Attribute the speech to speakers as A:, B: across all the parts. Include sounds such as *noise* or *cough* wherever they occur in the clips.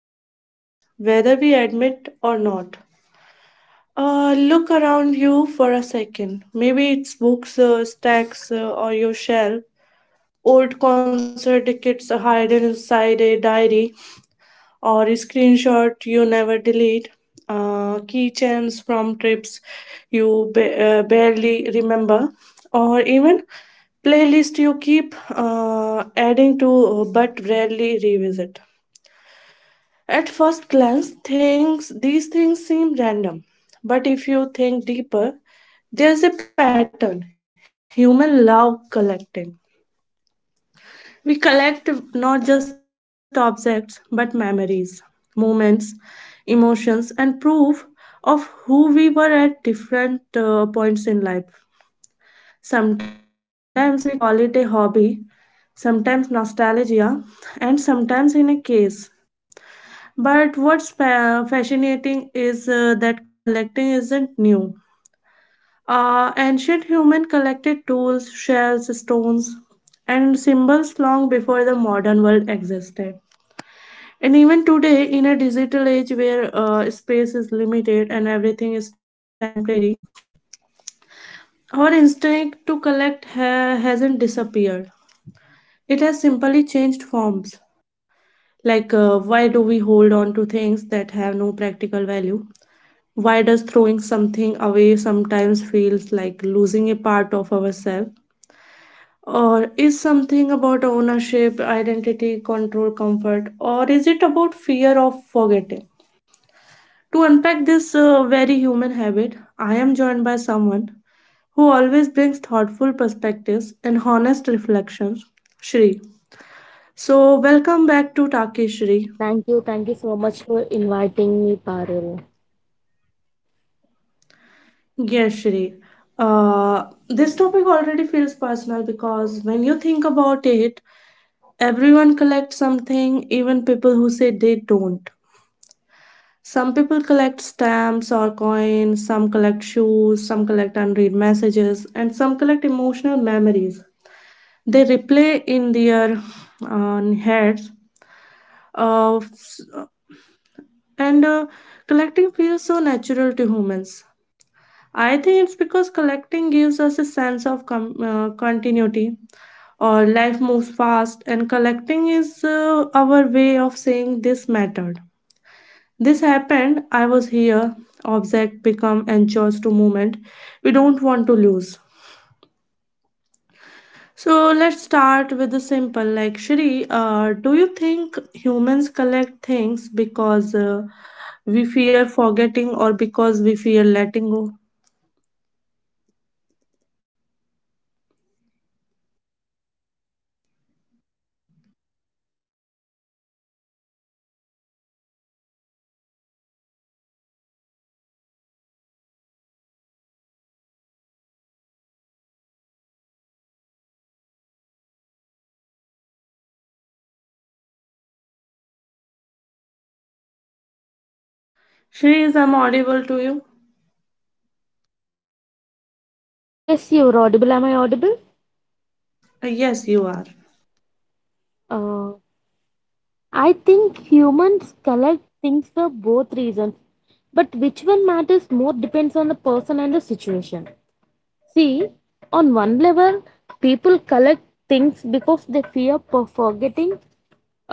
A: relate to, whether we admit or not. Look around you for a second. Maybe it's books, stacks, or your shelf. Old concert tickets hidden inside a diary, or a screenshot you never delete. Keychains from trips you barely remember, or even playlist you keep adding to but rarely revisit. At first glance, things these things seem random, but if you think deeper, there's a pattern. Human love collecting. We collect not just objects, but memories, moments, emotions, and proof of who we were at different points in life. Sometimes we call it a hobby, sometimes nostalgia, and sometimes in a case. But what's fascinating is that collecting isn't new. Ancient human collected tools, shells, stones, and symbols long before the modern world existed. And even today, in a digital age where space is limited and everything is temporary, our instinct to collect hasn't disappeared. It has simply changed forms. Like, why do we hold on to things that have no practical value? Why does throwing something away sometimes feels like losing a part of ourselves? Or is something about ownership, identity, control, comfort? Or is it about fear of forgetting? To unpack this very human habit, I am joined by someone who always brings thoughtful perspectives and honest reflections, Shri. So, welcome back to Taki Shri.
B: Thank you. Thank you so much for inviting me, Parul.
A: Yes, Shri. Uh, this topic already feels personal because when you think about it, everyone collects something, even people who say they don't. Some people collect stamps or coins, some collect shoes, some collect unread messages, and some collect emotional memories. They replay in their heads uh, s- and collecting feels so natural to humans. I think it's because collecting gives us a sense of continuity, or life moves fast, and collecting is our way of saying this mattered, this happened, I was here. Object become anchors to movement we don't want to lose. So let's start with the simple. Like Shri, do you think humans collect things because we fear forgetting or because we fear letting go? Shri, is I'm audible to you?
B: Yes, you're audible. Am I audible?
A: Yes, you are.
B: Uh, I think humans collect things for both reasons, but which one matters more depends on the person and the situation. See, on one level, people collect things because they fear for forgetting.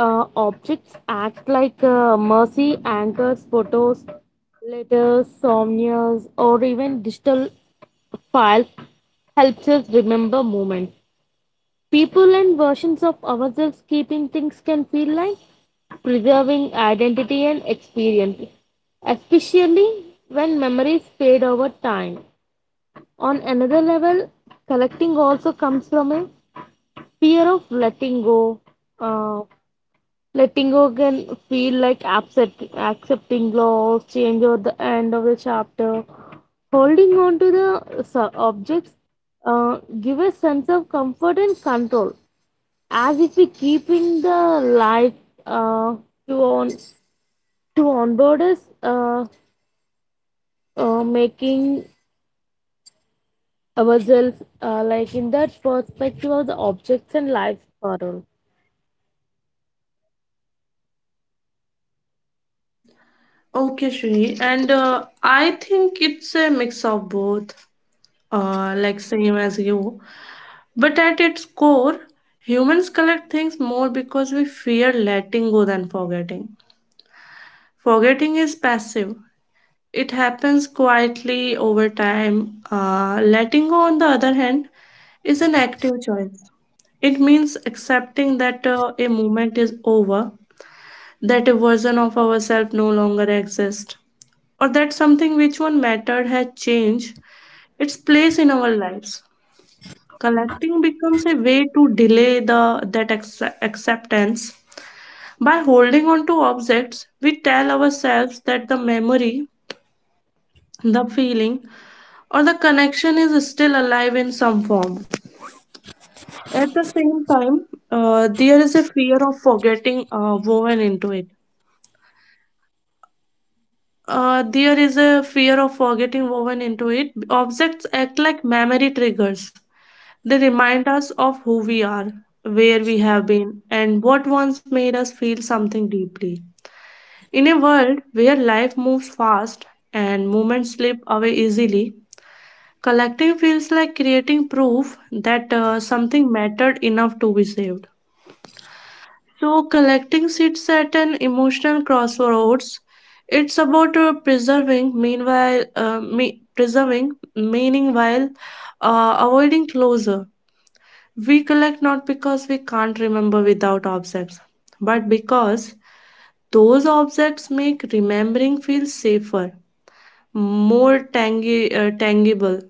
B: Objects act like mercy anchors, photos, letters, souvenirs, or even digital files helps us remember moments. People and versions of ourselves keeping things can feel like preserving identity and experience, especially when memories fade over time. On another level, collecting also comes from a fear of letting go. Uh, Letting go can feel like accepting loss, change, or the end of the chapter. Holding on to the objects give a sense of comfort and control, as if we keeping the life, uh, to on to onboard us, making ourselves like in that perspective of the objects and life. Parul,
A: Okay, Shri, and I think it's a mix of both. Like same as you, but at its core, humans collect things more because we fear letting go than forgetting. Forgetting is passive. It happens quietly over time. Letting go, on the other hand, is an active choice. It means accepting that a moment is over, that a version of ourselves no longer exists, or that something which one mattered has changed its place in our lives. Collecting becomes a way to delay the that acce- acceptance by holding on to objects. We tell ourselves that the memory, the feeling, or the connection is still alive in some form. At the same time, there is a fear of forgetting woven into it. There is a fear of forgetting woven into it. Objects act like memory triggers. They remind us of who we are, where we have been, and what once made us feel something deeply. In a world where life moves fast and moments slip away easily, collecting feels like creating proof that something mattered enough to be saved. So, collecting sits at an emotional crossroads. It's about preserving, meanwhile, preserving meaning while avoiding closure. We collect not because we can't remember without objects, but because those objects make remembering feel safer, more tangible,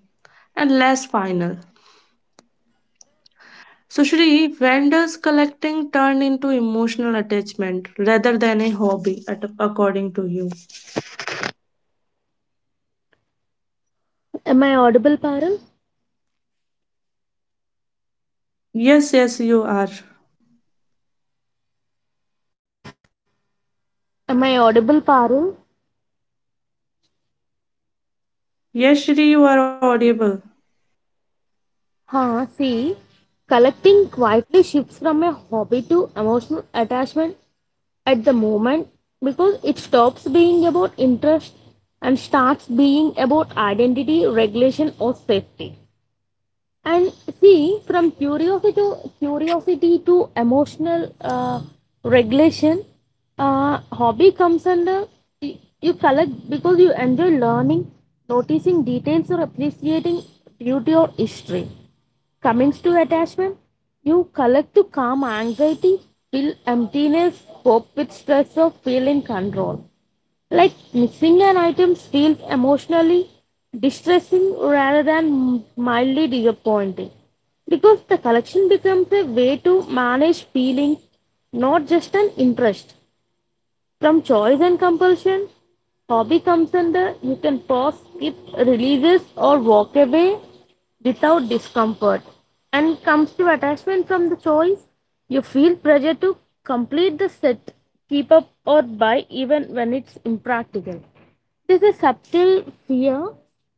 A: and less final. Socially, vendors collecting turned into emotional attachment rather than a hobby, at, according to you.
B: am I audible, Parul?
A: Yes, yes, you are.
B: Am I audible, Parul?
A: Yes, Shri, you are audible.
B: Huh, see, collecting quietly shifts from a hobby to emotional attachment at the moment because it stops being about interest and starts being about identity, regulation, or safety. And see, from curiosity to emotional regulation, hobby comes under you collect because you enjoy learning, noticing details, or appreciating beauty or history. Comings to attachment, you collect to calm anxiety, fill emptiness, cope with stress, or feel in control. Like missing an item feels emotionally distressing rather than mildly disappointing because the collection becomes a way to manage feelings, not just an interest. From choice and compulsion, hobby comes under you can pause, skip, releases, or walk away without discomfort. And comes to attachment from the choice, you feel pressure to complete the set, keep up, or buy even when it's impractical. This is subtle fear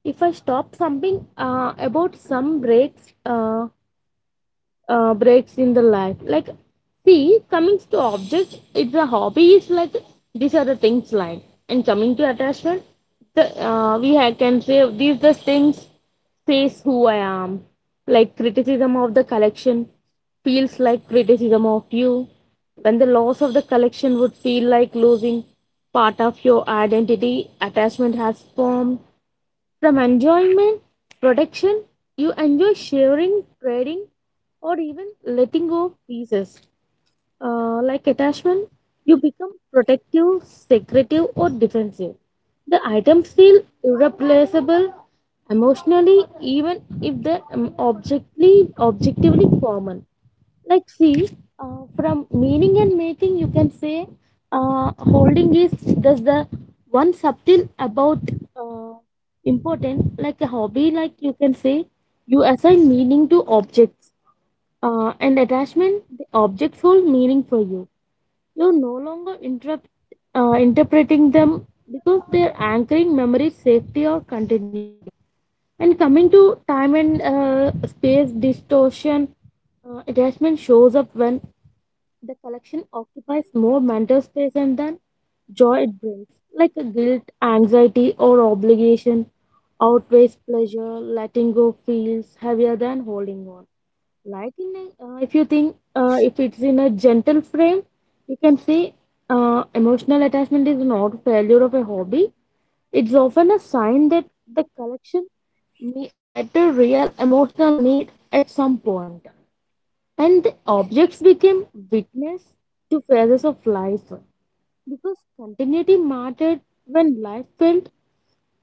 B: if I stop something about some breaks. Breaks in the life. Like, see, coming to objects, it's a hobby. It's like these are the things like, and coming to attachment, the can say these the things says who I am. Like criticism of the collection feels like criticism of you. When the loss of the collection would feel like losing part of your identity, attachment has formed from enjoyment, protection, you enjoy sharing, trading, or even letting go of pieces. Like attachment, you become protective, secretive, or defensive. The items feel irreplaceable emotionally, even if they're objectively common. Like see, from meaning and making you can say holding is just the one subtle about uh, important like a hobby, like you can say you assign meaning to objects, and attachment the objects hold meaning for you, you no longer interrupt interpreting them because they're anchoring memory safety or continuity. And coming to time and space distortion, attachment shows up when the collection occupies more mental space and than joy it brings, like a guilt, anxiety, or obligation outweighs pleasure. Letting go feels heavier than holding on. If you think, if it's in a gentle frame, you can say emotional attachment is not failure of a hobby. It's often a sign that the collection met a real emotional need at some point and the objects became witness to phases of life because continuity mattered when life felt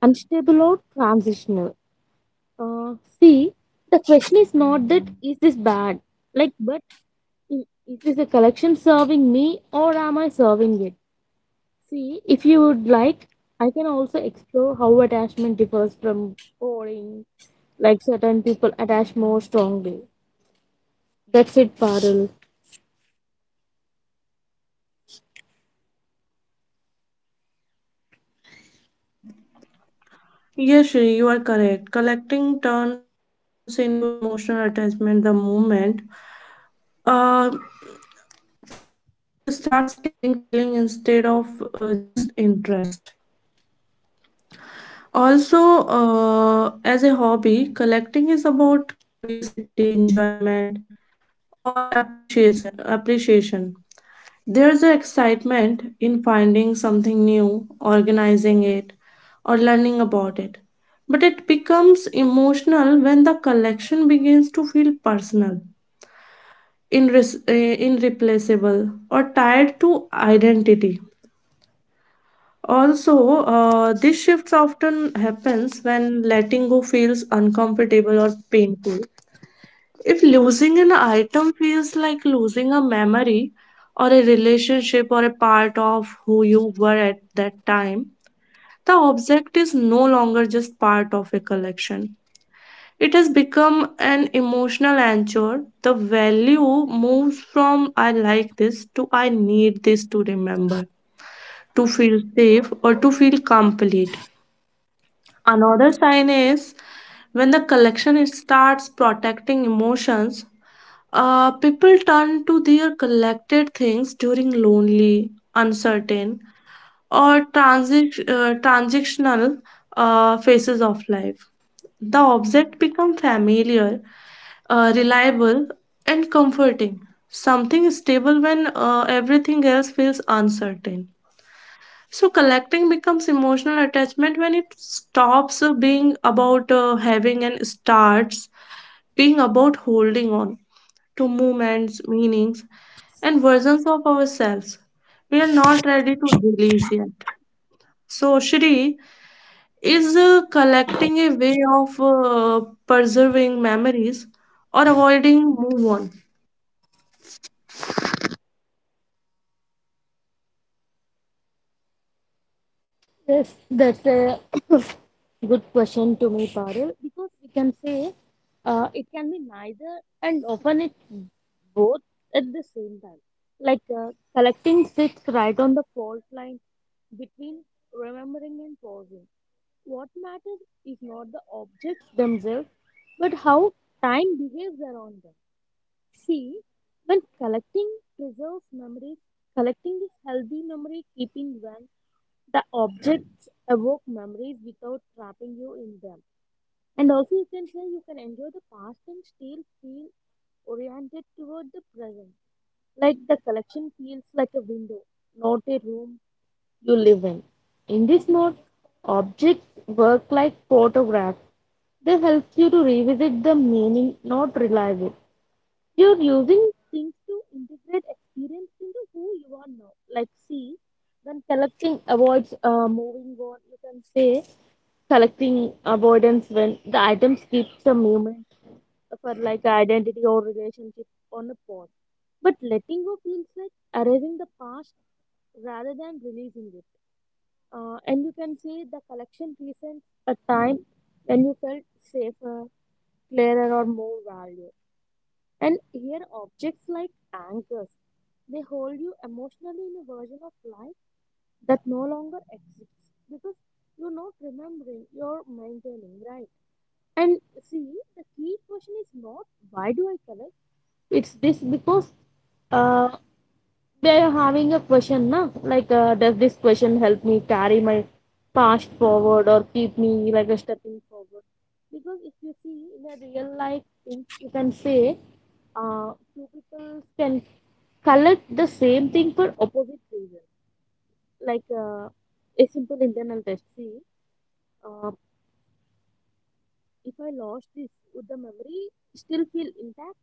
B: unstable or transitional. Uh, See, the question is not that is this bad, like, but i- is this a collection serving me or am I serving it? See, if you would like, I can also explore how attachment differs from boring, like certain people attach more strongly. That's it, Parul.
A: Yes, Shri, you are correct. Collecting turns into emotional attachment the moment uh, the object starts carrying feeling instead of just interest. Also, as a hobby, collecting is about curiosity, enjoyment, or appreciation. Appreciation. There's an excitement in finding something new, organizing it, or learning about it. But it becomes emotional when the collection begins to feel personal, irreplaceable, or tied to identity. Also, this shift often happens when letting go feels uncomfortable or painful. If losing an item feels like losing a memory or a relationship or a part of who you were at that time, the object is no longer just part of a collection. It has become an emotional anchor. The value moves from I like this to I need this to remember, to feel safe, or to feel complete. Another sign is when the collection starts protecting emotions, people turn to their collected things during lonely, uncertain, or transitional phases of life. The object become familiar, reliable, and comforting. Something stable when everything else feels uncertain. So collecting becomes emotional attachment when it stops being about having and starts being about holding on to movements, meanings, and versions of ourselves. We are not ready to release yet. So Shri, is collecting a way of preserving memories or avoiding move on?
B: Yes, that's a *coughs* good question to me, Parul, because we can say it can be neither and often it's both at the same time. Like uh, Collecting sits right on the fault line between remembering and pausing. What matters is not the objects themselves, but how time behaves around them. See, when collecting preserves memories, collecting is healthy memory keeping when the objects evoke memories without trapping you in them. And also, you can say you can enjoy the past and still feel oriented toward the present. Like the collection feels like a window, not a room you live in. In this mode, objects work like photographs. They help you to revisit the meaning, not realize it. You're using things to integrate experience into who you are now. Like, see, when collecting avoids moving on, you can say collecting avoidance when the items keeps the moment for like identity or relationship on a pause. But letting go feels like erasing the past rather than releasing it. And you can see the collection presents a time when you felt safer, clearer, or more valued. And here, objects like anchors, they hold you emotionally in a version of life that no longer exists because you're not remembering, you're maintaining, right? And see, the key question is not why do I collect? It's this because uh, they are having a question, na? Like, does this question help me carry my past forward or keep me like a stepping forward? Because if you see in a real life, things you can say, two people can collect the same thing for opposite reasons. Like uh, a simple internal test. See, uh, if I lost this, would the memory still feel intact?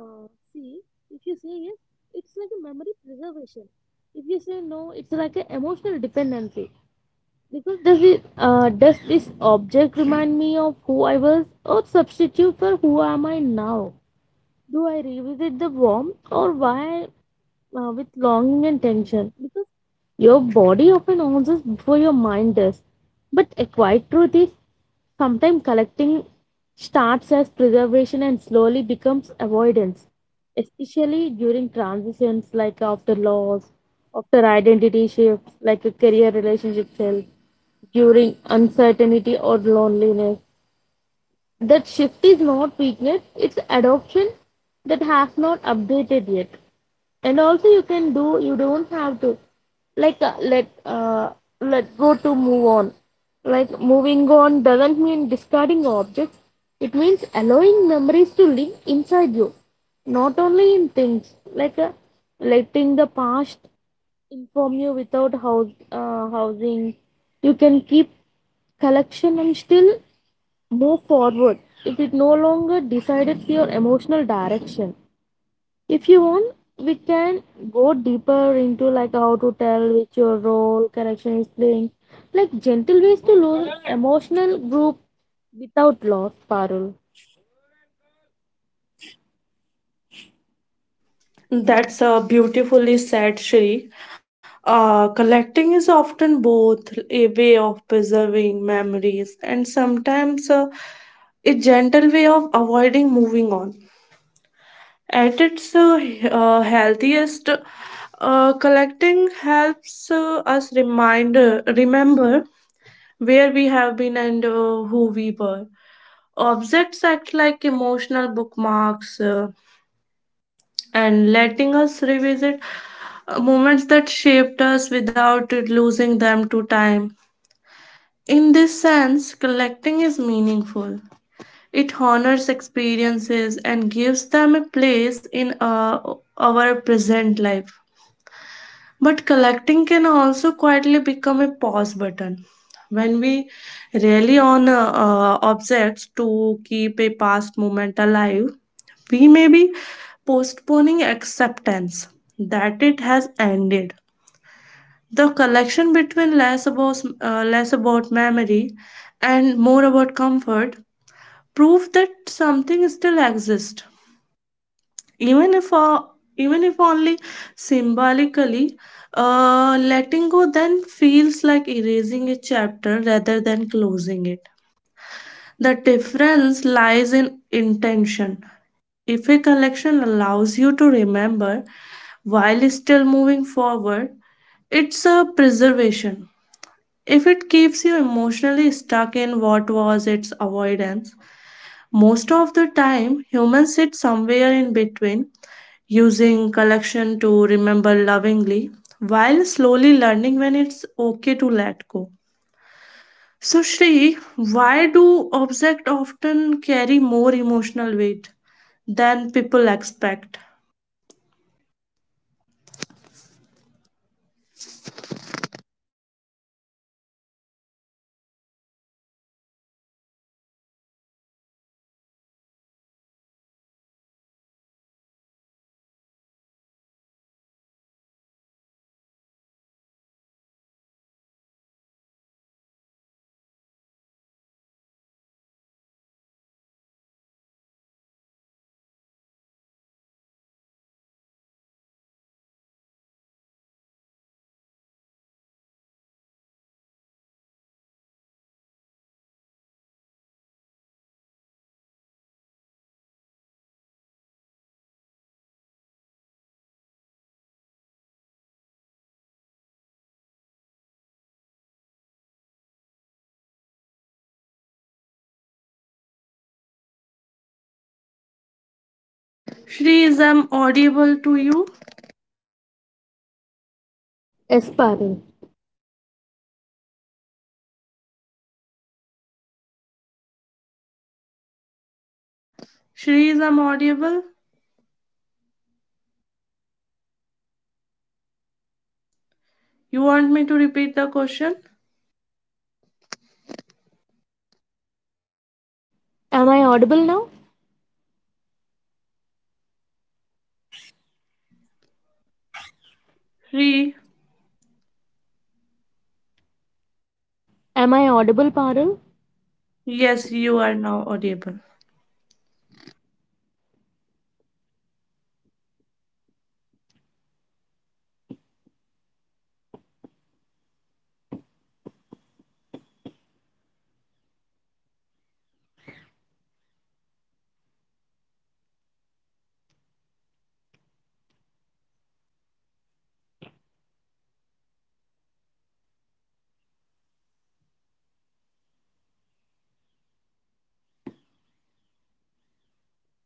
B: uh, See, if you say yes, it's like a memory preservation. If you say no, it's like an emotional dependency. Because does it does this object remind me of who I was or substitute for who am I now? Do I revisit the warmth or why with longing and tension? Because your body often answers before your mind does. But a quiet truth is sometimes collecting starts as preservation and slowly becomes avoidance, especially during transitions like after loss, after identity shifts like a career relationship health, during uncertainty or loneliness. That shift is not weakness, it's adoption that has not updated yet. And also you can do, you don't have to like uh, let uh, let go to move on. Like moving on doesn't mean discarding objects, it means allowing memories to live inside you, not only in things, letting the past inform you without housing. You can keep collection and still move forward if it no longer decides your emotional direction. If you want, we can go deeper into like how to tell which your role connection is playing. Like gentle ways to lose emotional group without loss, Parul.
A: That's beautifully said, Shri. Collecting is often both a way of preserving memories and sometimes a gentle way of avoiding moving on. At its healthiest, collecting helps us reminder remember where we have been and who we were. Objects act like emotional bookmarks, and letting us revisit moments that shaped us without losing them to time. In this sense, collecting is meaningful. It honors experiences and gives them a place in our present life. But collecting can also quietly become a pause button. When we rely on objects to keep a past moment alive, we may be postponing acceptance that it has ended. The collection between less about memory and more about comfort, prove that something still exists, even if uh, even if only symbolically. Letting go then feels like erasing a chapter rather than closing it. The difference lies in intention. If a collection allows you to remember while still moving forward, it's a preservation. If it keeps you emotionally stuck in what was, its avoidance, most of the time humans sit somewhere in between, using collection to remember lovingly while slowly learning when it's okay to let go. So, Shri, why do objects often carry more emotional weight than people expect? Shri, is I'm audible to you?
B: Yes, Parul.
A: Shri, is I'm audible? You want me to repeat the question?
B: Am I audible now?
A: Shri,
B: Am I audible, Parul?
A: yes, you are now audible.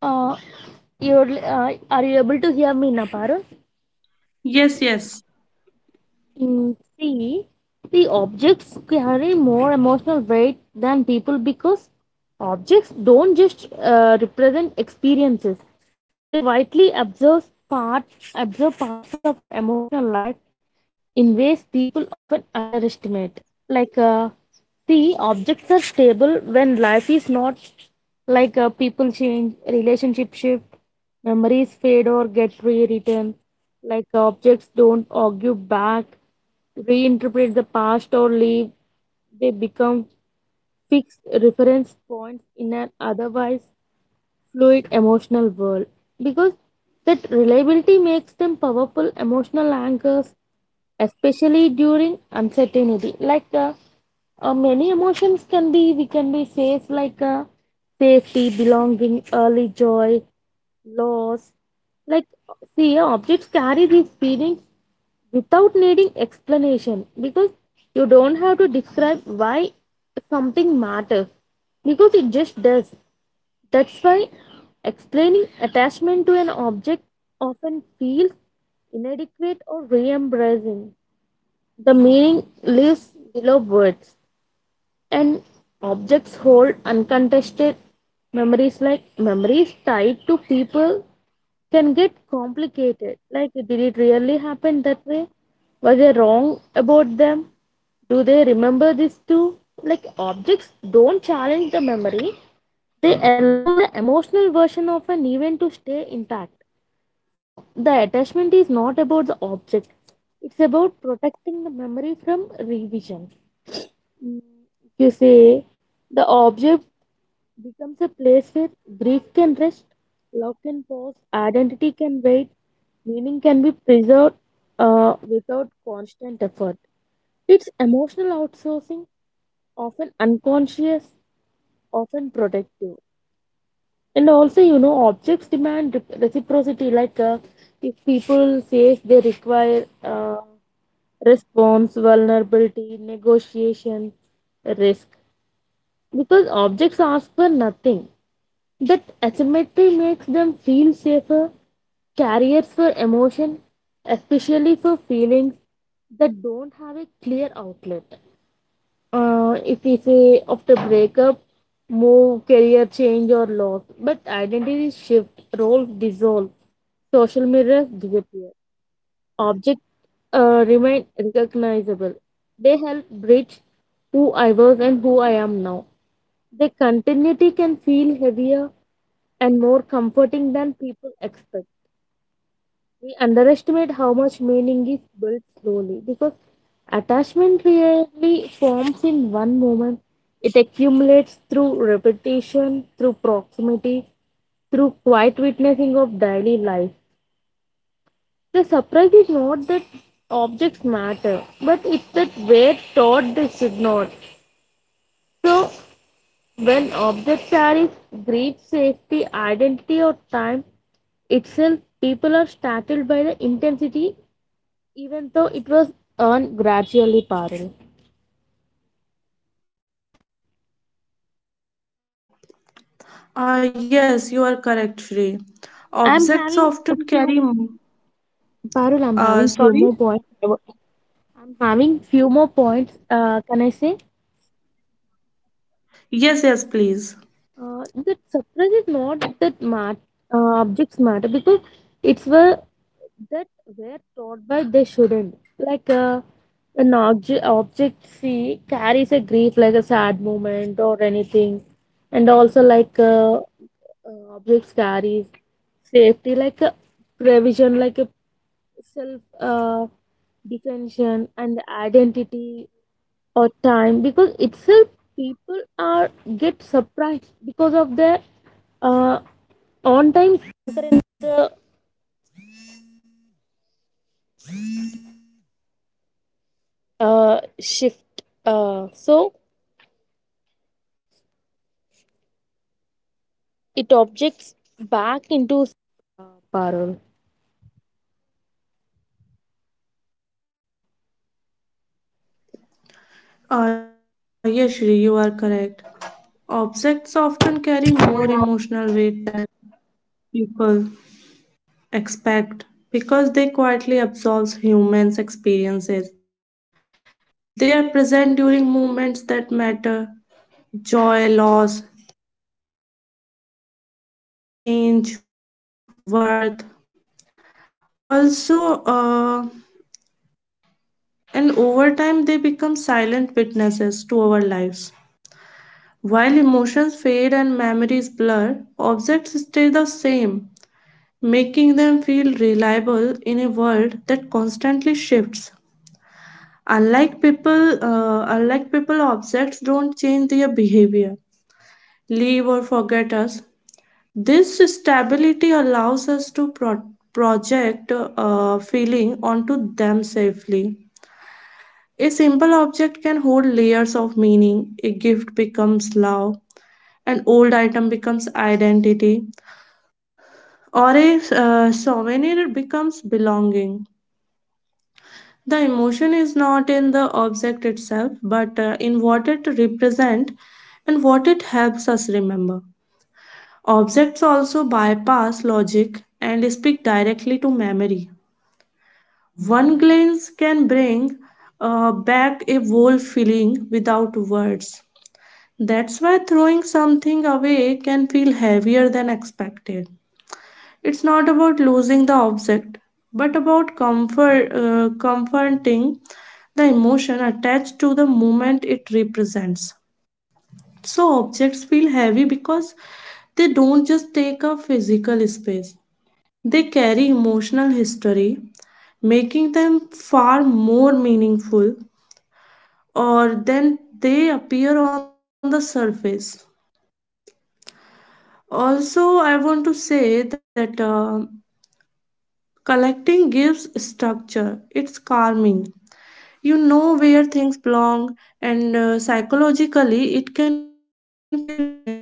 B: Uh, are you able to hear me now, Parul?
A: Yes, yes.
B: Mm, see, the objects carry more emotional weight than people because objects don't just represent experiences. They quietly observe parts of our emotional life in ways people often underestimate. Like, uh, See, objects are stable when life is not. People change, relationship shift, memories fade or get rewritten. Like objects don't argue back, reinterpret the past or leave, they become fixed reference points in an otherwise fluid emotional world. Because that reliability makes them powerful emotional anchors, especially during uncertainty. Many emotions can be, we can be safe, safety, belonging, early joy, loss. Like, see, objects carry these feelings without needing explanation because you don't have to describe why something matters because it just does. That's why explaining attachment to an object often feels inadequate or re embracing. The meaning lives below words and objects hold uncontested memories. Like memories tied to people can get complicated, like did it really happen that way, was I wrong about them, do they remember this too. Like objects don't challenge the memory, they allow the emotional version of an event to stay intact, so the attachment is not about the object, it's about protecting the memory from revision. You say the object becomes a place where grief can rest, love can pause, identity can wait, meaning can be preserved without constant effort. It's emotional outsourcing, often unconscious, often protective. And also, you know, objects demand reciprocity. If people say they require response, vulnerability, negotiation, risk, because objects ask for nothing. That asymmetry makes them feel safer, carriers for emotion, especially for feelings that don't have a clear outlet. If we say after breakup, move, career change, or loss, but identities shift, roles dissolve, social mirrors disappear, objects remain recognizable. They help bridge who I was and who I am now. The continuity can feel heavier and more comforting than people expect. We underestimate how much meaning is built slowly because attachment rarely forms in one moment. It accumulates through repetition, through proximity, through quiet witnessing of daily life. The surprise is not that objects matter, but it's that we're taught they should not. So when objects are in great safety, identity, or time itself, people are startled by the intensity, even though it was earned gradually. Parul,
A: Ah, yes, you are correct, Shri.
B: I'm having a few.
A: Objects often carry. M-
B: Parul, I'm having few more
A: uh,
B: points.
A: sorry?
B: I'm having few more points. Can I say
A: Yes, yes, please.
B: that surprise is not that objects matter because it's were that were taught by they shouldn't like. An object, object C carries a grief like a sad moment or anything, and also objects carries safety like a provision, like a self defension and identity or time because itself people are get surprised because of their uh,
A: Ah, yes, Shri, you are correct. Objects often carry more emotional weight than people expect because they quietly absorb humans' experiences. They are present during moments that matter: joy, loss, change, worth. Also, and over time, they become silent witnesses to our lives. While emotions fade and memories blur, objects stay the same, making them feel reliable in a world that constantly shifts. Unlike people, objects don't change their behavior, leave or forget us. This stability allows us to project a feeling onto them safely. A simple object can hold layers of meaning. A gift becomes love, an old item becomes identity, or a souvenir becomes belonging. The emotion is not in the object itself, but in what it represents and what it helps us remember. Objects also bypass logic and speak directly to memory. One glance can bring back a whole feeling without words. That's why throwing something away can feel heavier than expected. It's not about losing the object, but about comforting the emotion attached to the moment it represents. So, objects feel heavy because they don't just take up physical space. They carry emotional history, making them far more meaningful or than they appear on the surface. Also, I want to say that collecting gives structure, it's calming. You know where things belong, and psychologically, it can feel reassuring,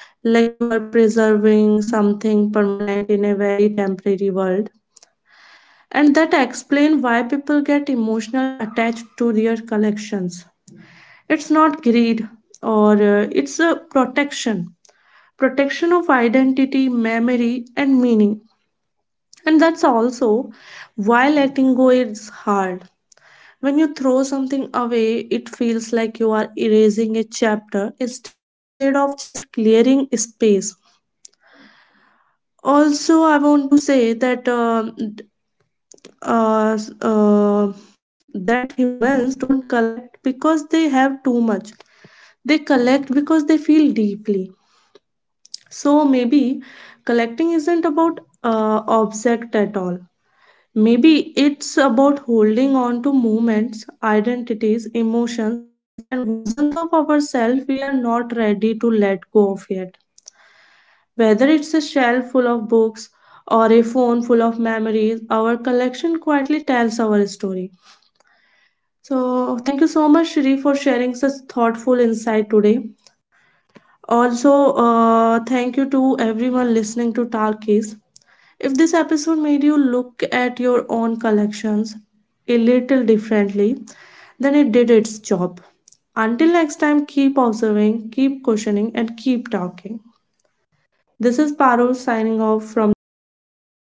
A: like you are preserving something permanent in a very temporary world, and that explains why people get emotionally attached to their collections. It's not greed, or it's a protection. Protection of identity, memory, and meaning. And that's also why letting go is hard. When you throw something away, it feels like you are erasing a chapter instead of just clearing space. Also, I want to say that uh, uh, that humans don't collect because they have too much. They collect because they feel deeply. So maybe collecting isn't about object at all. Maybe it's about holding on to moments, identities, emotions, and versions of ourselves we are not ready to let go of yet. Whether it's a shelf full of books or a phone full of memories, our collection quietly tells our story. So, thank you so much, Shri, for sharing such thoughtful insight today. Also, thank you to everyone listening to Talkies. If this episode made you look at your own collections a little differently, then it did its job. Until next time, keep observing, keep questioning, and keep talking. This is Parul signing off from Takis.